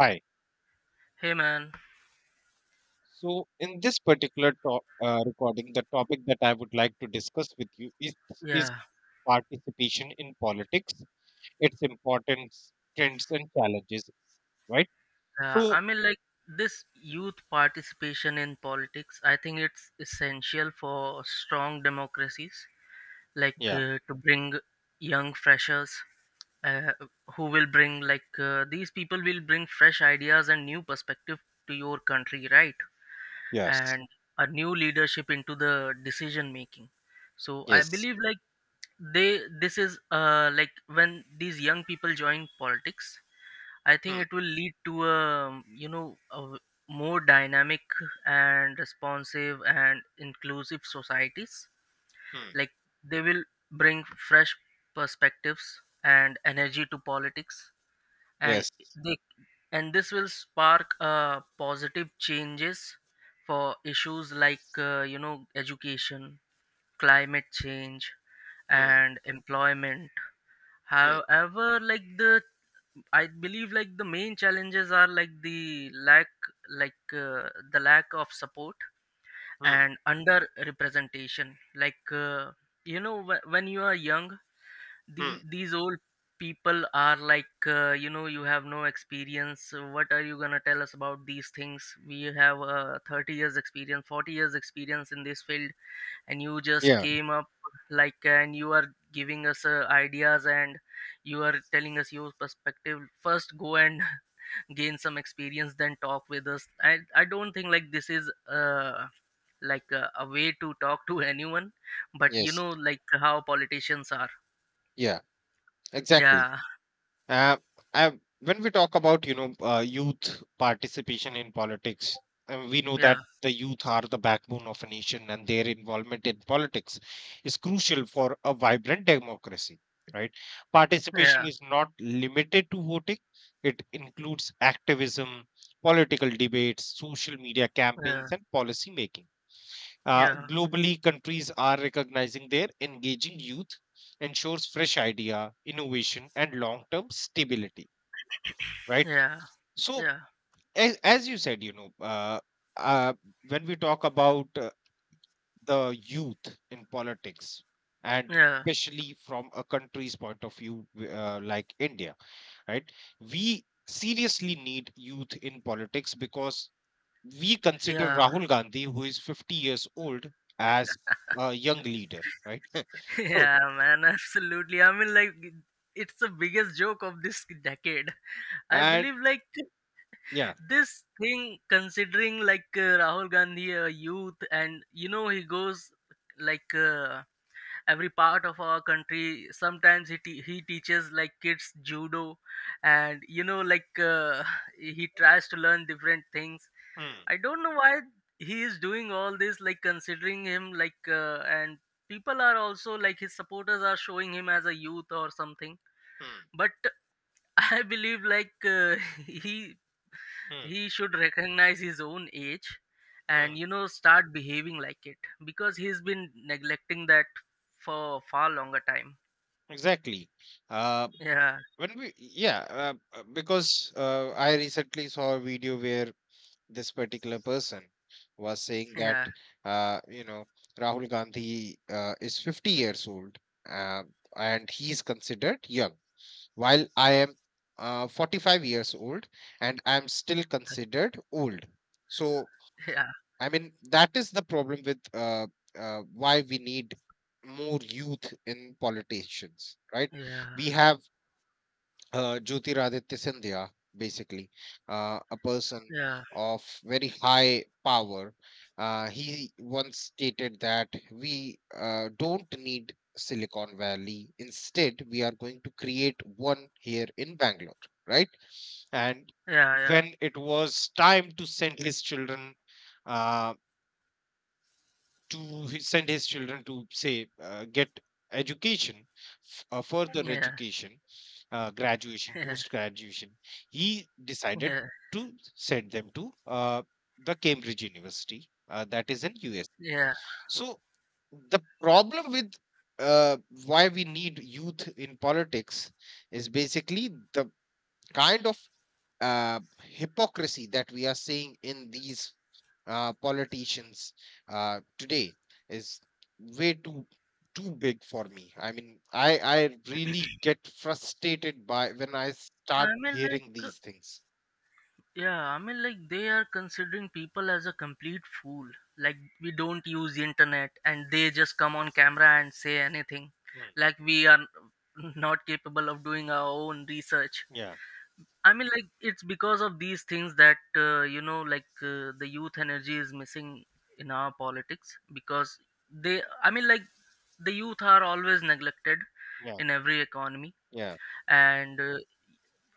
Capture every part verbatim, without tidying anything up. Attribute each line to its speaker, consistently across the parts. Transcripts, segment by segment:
Speaker 1: Hi.
Speaker 2: Hey man,
Speaker 1: So, in this particular to- uh, recording, the topic that I would like to discuss with you is is
Speaker 2: yeah,
Speaker 1: participation in politics, its importance, trends, and challenges. Right.
Speaker 2: yeah.
Speaker 1: So,
Speaker 2: I mean, like this youth participation in politics, I think it's essential for strong democracies, like
Speaker 1: yeah.
Speaker 2: uh, to bring young freshers uh, who will bring like uh, these people will bring fresh ideas and new perspective to your country, right?
Speaker 1: Yes.
Speaker 2: And a new leadership into the decision making. So I
Speaker 1: Yes.
Speaker 2: believe like they this is uh like when these young people join politics, I think
Speaker 1: Hmm.
Speaker 2: it will lead to a um, you know a w- more dynamic and responsive and inclusive societies.
Speaker 1: Hmm.
Speaker 2: Like they will bring fresh perspectives and energy to politics, and
Speaker 1: Yes.
Speaker 2: they and this will spark uh, positive changes for issues like uh, you know education, climate change,
Speaker 1: Hmm.
Speaker 2: and employment.
Speaker 1: Hmm.
Speaker 2: However, like the I believe like the main challenges are like the lack like uh, the lack of support
Speaker 1: Hmm.
Speaker 2: and under representation like uh, you know wh- when you are young, the
Speaker 1: Hmm.
Speaker 2: these old people are like uh, you know, you have no experience. Uh, what are you going to tell us about these things? We have uh, thirty years experience, forty years experience in this field, and you just
Speaker 1: Yeah.
Speaker 2: came up like, and you are giving us uh, ideas and you are telling us your perspective. First, go and gain some experience, then talk with us. I i don't think like this is uh like a, a way to talk to anyone, but you
Speaker 1: Yes.
Speaker 2: know like how politicians are.
Speaker 1: Yeah. Exactly.
Speaker 2: Yeah
Speaker 1: Uh, I, when we talk about you know uh, youth participation in politics, uh, we know
Speaker 2: yeah
Speaker 1: that the youth are the backbone of a nation, and their involvement in politics is crucial for a vibrant democracy. Right? Participation
Speaker 2: yeah
Speaker 1: is not limited to voting; it includes activism, political debates, social media
Speaker 2: yeah
Speaker 1: campaigns, and policy making. Uh,
Speaker 2: yeah
Speaker 1: globally, countries are recognizing their engaging youth ensures fresh idea, innovation, and long-term stability. Right.
Speaker 2: yeah
Speaker 1: So,
Speaker 2: yeah
Speaker 1: as, as you said, you know, uh, uh, when we talk about uh, the youth in politics, and
Speaker 2: yeah
Speaker 1: especially from a country's point of view, w- uh, like India, right? We seriously need youth in politics because we consider
Speaker 2: yeah
Speaker 1: Rahul Gandhi, who is fifty years old, as a young leader, right? So,
Speaker 2: Yeah man, absolutely. I mean, like it's the biggest joke of this decade. I
Speaker 1: and
Speaker 2: believe like
Speaker 1: yeah.
Speaker 2: this thing, considering like uh, Rahul Gandhi a youth, and you know he goes like uh, every part of our country. Sometimes he, te- he teaches like kids judo, and you know like uh, he tries to learn different things.
Speaker 1: Hmm.
Speaker 2: I don't know why he is doing all this, like considering him like uh, and people are also like his supporters are showing him as a youth or something.
Speaker 1: Hmm.
Speaker 2: But I believe like uh, he
Speaker 1: Hmm.
Speaker 2: he should recognize his own age,
Speaker 1: Hmm.
Speaker 2: and you know, start behaving like it, because he's been neglecting that for far longer time.
Speaker 1: Exactly. Uh,
Speaker 2: Yeah,
Speaker 1: when we, yeah, uh, uh, because uh, I recently saw a video where this particular person was saying that,
Speaker 2: yeah,
Speaker 1: uh, you know, Rahul Gandhi uh, is fifty years old, uh, and he's considered young while I am uh, forty-five years old and I'm still considered old. So,
Speaker 2: yeah,
Speaker 1: I mean, that is the problem with uh, uh, why we need more youth in politicians, right?
Speaker 2: yeah,
Speaker 1: We have uh, Jyotiraditya Sindhya, basically, uh, a person
Speaker 2: yeah,
Speaker 1: of very high power. Uh, he once stated that we uh, don't need Silicon Valley. Instead, we are going to create one here in Bangalore, right? And
Speaker 2: yeah, yeah,
Speaker 1: when it was time to send his children uh, to his, send his children to say uh, get education, f- uh, further
Speaker 2: yeah,
Speaker 1: education, uh, graduation,
Speaker 2: yeah,
Speaker 1: post graduation. He decided
Speaker 2: yeah.
Speaker 1: to send them to uh, the Cambridge University uh, that is in U S.
Speaker 2: yeah
Speaker 1: So the problem with uh, why we need youth in politics is basically the kind of uh, hypocrisy that we are seeing in these uh, politicians uh, today is way too too big for me. I mean, I I really get frustrated by when I
Speaker 2: I
Speaker 1: start
Speaker 2: mean, like,
Speaker 1: hearing
Speaker 2: uh,
Speaker 1: these things.
Speaker 2: yeah, I mean, like they are considering people as a complete fool. Like, we don't use the internet, and they just come on camera and say anything. Like, we are not capable of doing our own research.
Speaker 1: Yeah.
Speaker 2: I mean, like it's because of these things that, uh, you know, like, uh, the youth energy is missing in our politics because they I mean like the youth are always neglected
Speaker 1: Yeah.
Speaker 2: in every economy,
Speaker 1: Yeah.
Speaker 2: and uh,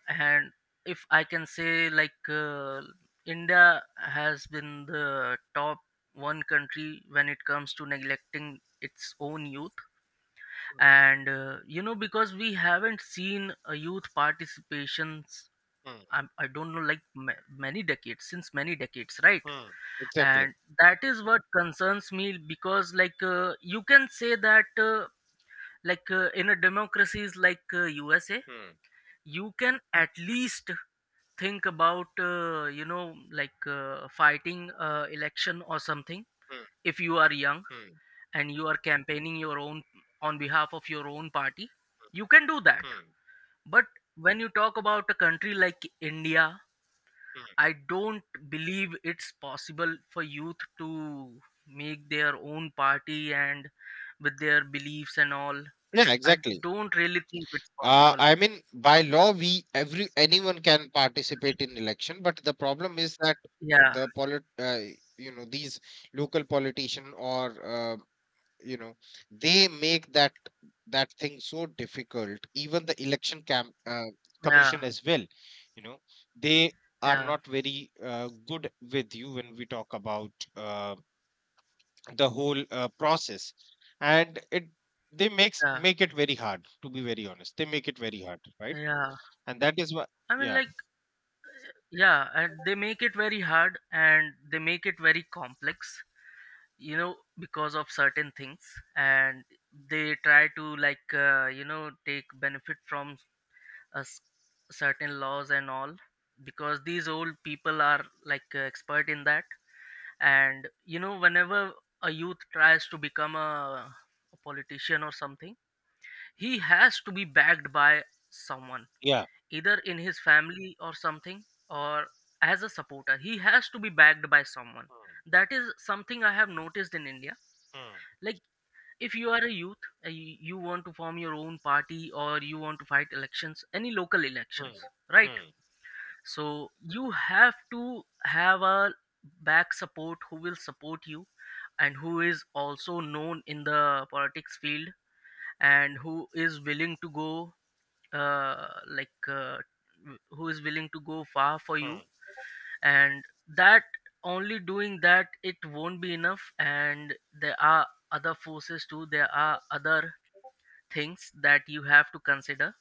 Speaker 2: and if I can say like uh, India has been the top one country when it comes to neglecting its own youth.
Speaker 1: Mm.
Speaker 2: And uh, you know, because we haven't seen a youth participations,
Speaker 1: Mm.
Speaker 2: I'm, i i do not know like ma- many decades, since many decades, right?
Speaker 1: Mm. Exactly.
Speaker 2: And that is what concerns me, because like uh, you can say that uh, like uh, in a democracies like uh, USA,
Speaker 1: Mm.
Speaker 2: you can at least think about uh, you know like uh, fighting uh, election or something
Speaker 1: Mm.
Speaker 2: if you are young,
Speaker 1: Mm.
Speaker 2: and you are campaigning your own on behalf of your own party, you can do that.
Speaker 1: Mm.
Speaker 2: But when you talk about a country like India,
Speaker 1: Mm.
Speaker 2: I don't believe it's possible for youth to make their own party and with their beliefs and all.
Speaker 1: Yeah.
Speaker 2: I
Speaker 1: Exactly.
Speaker 2: don't really think it's
Speaker 1: Uh,
Speaker 2: possible.
Speaker 1: I mean, by law, we every anyone can participate in election, but the problem is that
Speaker 2: Yeah,
Speaker 1: the polit uh, you know, these local politician or uh, you know, they make that that thing so difficult. Even the election camp uh,
Speaker 2: yeah,
Speaker 1: commission as well, you know, they are
Speaker 2: yeah,
Speaker 1: not very uh, good with you when we talk about uh, the whole uh, process, and it they makes
Speaker 2: yeah,
Speaker 1: make it very hard. To be very honest, they make it very hard, right?
Speaker 2: yeah.
Speaker 1: And that is what,
Speaker 2: I mean,
Speaker 1: yeah.
Speaker 2: like, yeah, and they make it very hard, and they make it very complex, you know, because of certain things. And they try to, like, uh, you know, take benefit from a s- certain laws and all, because these old people are, like, uh, expert in that. And you know, whenever a youth tries to become a, a politician or something, he has to be backed by someone
Speaker 1: Yeah.
Speaker 2: either in his family or something, or as a supporter he has to be backed by someone. That is something I have noticed in India.
Speaker 1: Mm.
Speaker 2: Like if you are a youth, uh, y- you want to form your own party or you want to fight elections, any local elections,
Speaker 1: Mm.
Speaker 2: right?
Speaker 1: Mm.
Speaker 2: So you have to have a back support who will support you, and who is also known in the politics field, and who is willing to go uh, like uh, w- who is willing to go far for you.
Speaker 1: Mm.
Speaker 2: And that, only doing that it won't be enough, and there are other forces too. There are other things that you have to consider,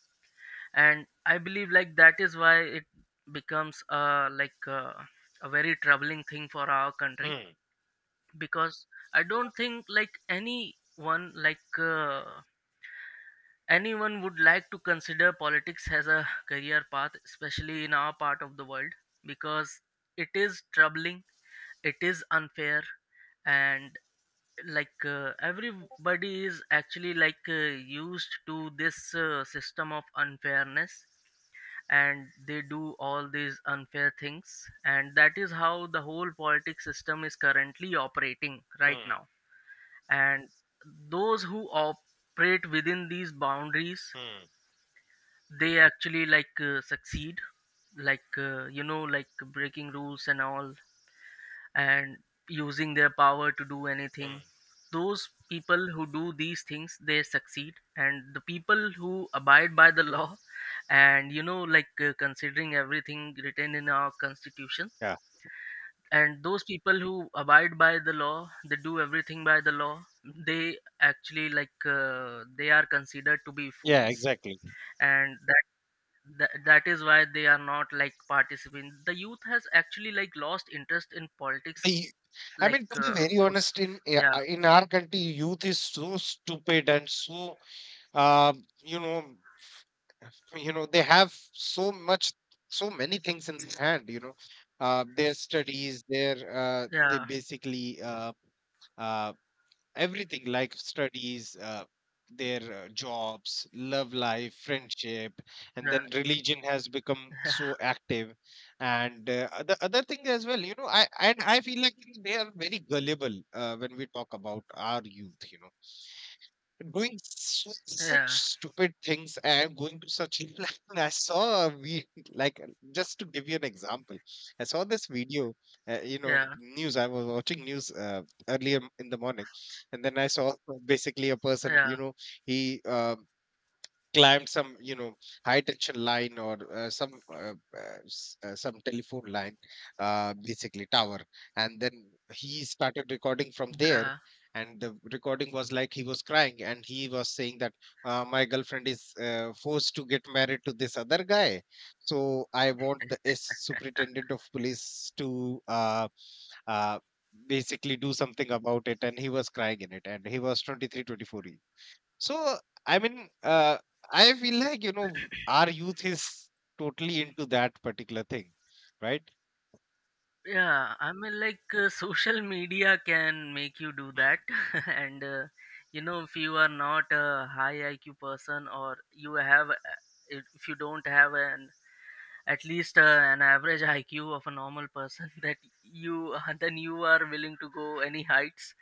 Speaker 2: and I believe like that is why it becomes uh, like uh, a very troubling thing for our
Speaker 1: Mm.
Speaker 2: country.
Speaker 1: Mm.
Speaker 2: Because I don't think like anyone like uh, anyone would like to consider politics as a career path, especially in our part of the world, because it is troubling, it is unfair, and like uh, everybody is actually like uh, used to this uh, system of unfairness, and they do all these unfair things, and that is how the whole politics system is currently operating right
Speaker 1: Mm.
Speaker 2: now. And those who operate within these boundaries,
Speaker 1: Mm.
Speaker 2: they actually like uh, succeed, like uh, you know, like breaking rules and all, and using their power to do anything.
Speaker 1: Mm.
Speaker 2: Those people who do these things, they succeed, and the people who abide by the law
Speaker 1: Mm.
Speaker 2: and you know, like uh, considering everything written in our constitution,
Speaker 1: Yeah.
Speaker 2: and those people who abide by the law, they do everything by the law, they actually like uh, they are considered to be
Speaker 1: Yeah,
Speaker 2: fools.
Speaker 1: exactly.
Speaker 2: And that Th- that is why they are not like participating. The youth has actually like lost interest in politics.
Speaker 1: The I
Speaker 2: Like
Speaker 1: mean, to be
Speaker 2: uh,
Speaker 1: very
Speaker 2: for
Speaker 1: honest, in yeah,
Speaker 2: yeah,
Speaker 1: uh, in our country, youth is so stupid and so um, you know, you know, they have so much, so many things in their hand. You know, uh, their studies, their uh, they
Speaker 2: yeah,
Speaker 1: basically uh, uh, everything, like studies, uh, their uh, jobs, love life, friendship, and
Speaker 2: yeah,
Speaker 1: then religion has become so active. And uh, the other thing as well, you know, i and I feel like they are very gullible uh, when we talk about our youth you know Doing su such
Speaker 2: yeah,
Speaker 1: stupid things and going to such like, I saw a we like just to give you an example, I saw this video, uh, you know,
Speaker 2: yeah,
Speaker 1: news. I was watching news uh, earlier in the morning, and then I saw basically a person,
Speaker 2: yeah,
Speaker 1: you know, he uh, climbed some, you know high tension line or uh, some uh, uh, s- uh, some telephone line, uh, basically tower. And then he started recording from there.
Speaker 2: yeah.
Speaker 1: And the recording was like, he was crying and he was saying that, uh, my girlfriend is uh, forced to get married to this other guy, so I want the s superintendent of police to uh, uh, basically do something about it. And he was crying in it, and he was twenty three twenty four twenty-four. So, I mean, uh, I feel like, you know, our youth is totally into that particular thing, right?
Speaker 2: Yeah, I mean, like uh, social media can make you do
Speaker 1: Hmm.
Speaker 2: that, and uh, you know, if you are not a high I Q person, or you have, uh, if if you don't have an at least uh, an average I Q of a normal person, that you then you are willing to go any heights.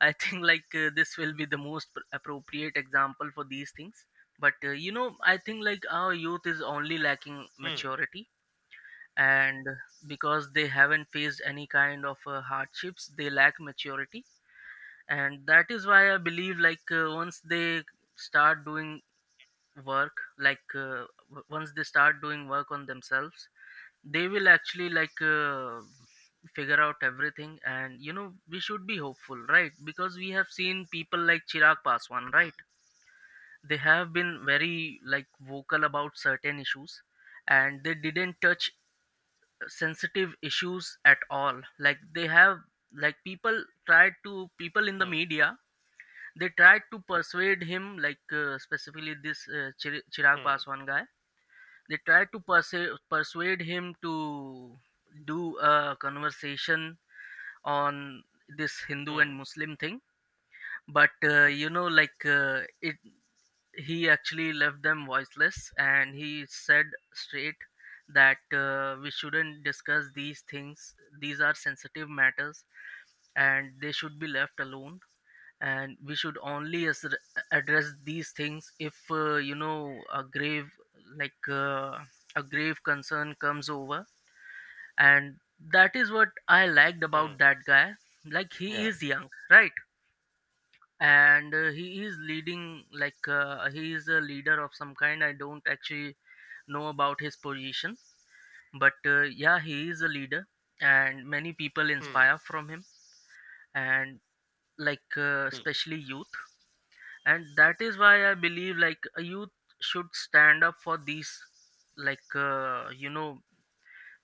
Speaker 2: I think like uh, this will be the most pr- appropriate example for these things. But uh, you know, I think like our youth is only lacking
Speaker 1: Hmm.
Speaker 2: maturity, and because they haven't faced any kind of uh, hardships, they lack maturity, and that is why I believe like uh, once they start doing work, like uh, w- once they start doing work on themselves, they will actually like uh, figure out everything. And you know, we should be hopeful, right? Because we have seen people like Chirag Paswan,
Speaker 1: Hmm.
Speaker 2: right? They have been very like vocal about certain issues, and they didn't touch sensitive issues at all. Like they have, like people tried to, people in the
Speaker 1: Hmm.
Speaker 2: media, they tried to persuade him, like uh, specifically this uh, Chir- Chirag
Speaker 1: Hmm.
Speaker 2: Paswan guy. They tried to persu- persuade him to do a conversation on this Hindu and
Speaker 1: Hmm.
Speaker 2: Muslim thing. But uh, you know, like uh, it, he actually left them voiceless, and he said straight that uh, we shouldn't discuss these things. These are sensitive matters, and they should be left alone, and we should only as- address these things if uh, you know, a grave like uh, a grave concern comes over. And that is what I liked about
Speaker 1: Mm.
Speaker 2: that guy. Like he
Speaker 1: Yeah.
Speaker 2: is young, right? And uh, he is leading, like uh, he is a leader of some kind. I don't actually know about his position, but uh, yeah, he is a leader, and many people
Speaker 1: Hmm.
Speaker 2: inspire from him, and like uh,
Speaker 1: Hmm.
Speaker 2: especially youth. And that is why I believe like a youth should stand up for these, like uh, you know,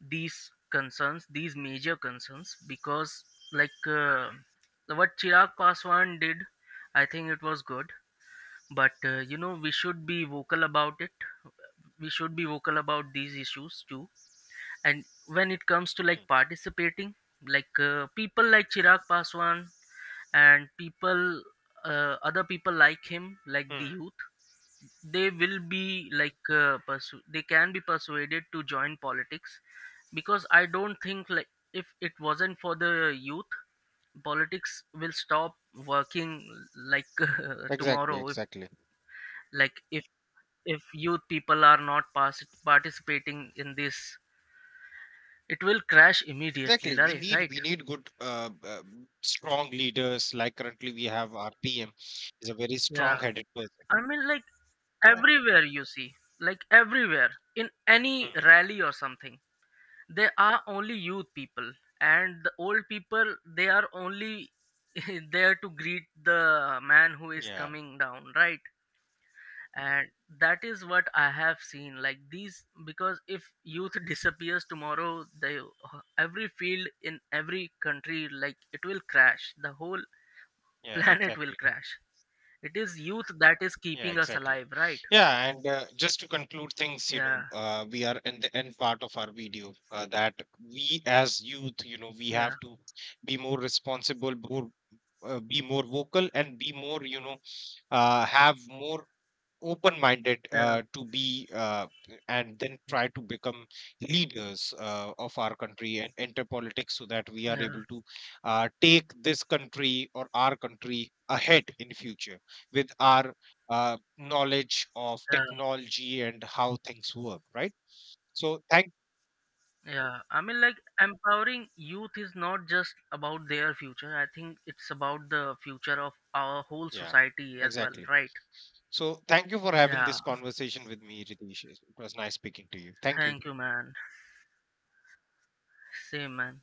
Speaker 2: these concerns, these major concerns. Because like uh, what Chirag Paswan did, I think it was good. But uh, you know, we should be vocal about it. We should be vocal about these issues too. And when it comes to
Speaker 1: Hmm.
Speaker 2: like participating, like uh, people like Chirag Paswan, and people uh, other people like him, like the
Speaker 1: Hmm.
Speaker 2: youth, they will be like uh, persu- they can be persuaded to join politics. Because I don't think like if it wasn't for the youth, politics will stop working. Like uh,
Speaker 1: Exactly,
Speaker 2: tomorrow if,
Speaker 1: exactly.
Speaker 2: like if if youth people are not pas- participating in this, it will crash immediately,
Speaker 1: Exactly. We
Speaker 2: right?
Speaker 1: need
Speaker 2: Right.
Speaker 1: we need good uh, uh, strong leaders. Like currently we have our P M is a very
Speaker 2: Yeah,
Speaker 1: strong headed person.
Speaker 2: I mean, like
Speaker 1: Yeah.
Speaker 2: everywhere you see, like everywhere, in any
Speaker 1: Mm.
Speaker 2: rally or something, they are only youth people, and the old people they are only there to greet the man who is
Speaker 1: Yeah.
Speaker 2: coming down, right? And that is what I have seen. Like these, because if youth disappears tomorrow, they every field in every country, like it will crash. The whole
Speaker 1: Yeah,
Speaker 2: planet will
Speaker 1: exactly.
Speaker 2: crash. It is youth that is
Speaker 1: Yeah,
Speaker 2: keeping us
Speaker 1: exactly.
Speaker 2: alive, right?
Speaker 1: Yeah, and uh, just to conclude things, you know,
Speaker 2: Yeah,
Speaker 1: uh, we are in the end part of our video uh, that we as youth, you know, we
Speaker 2: yeah,
Speaker 1: have to be more responsible, more, uh, be more vocal, and be more, you know, uh, have more open minded,
Speaker 2: yeah,
Speaker 1: uh, to be uh, and then try to become leaders uh, of our country and enter politics so that we are
Speaker 2: yeah,
Speaker 1: able to uh, take this country or our country ahead in future with our uh, knowledge of
Speaker 2: yeah.
Speaker 1: technology and how things work, right. so thank
Speaker 2: Yeah, I mean, like empowering youth is not just about their future. I think it's about the future of our whole
Speaker 1: Yeah,
Speaker 2: society as well,
Speaker 1: exactly.
Speaker 2: right?
Speaker 1: So thank you for having
Speaker 2: Yeah,
Speaker 1: this conversation with me, Ritesh. It was nice speaking to you. Thank you.
Speaker 2: thank you, man. Same, man.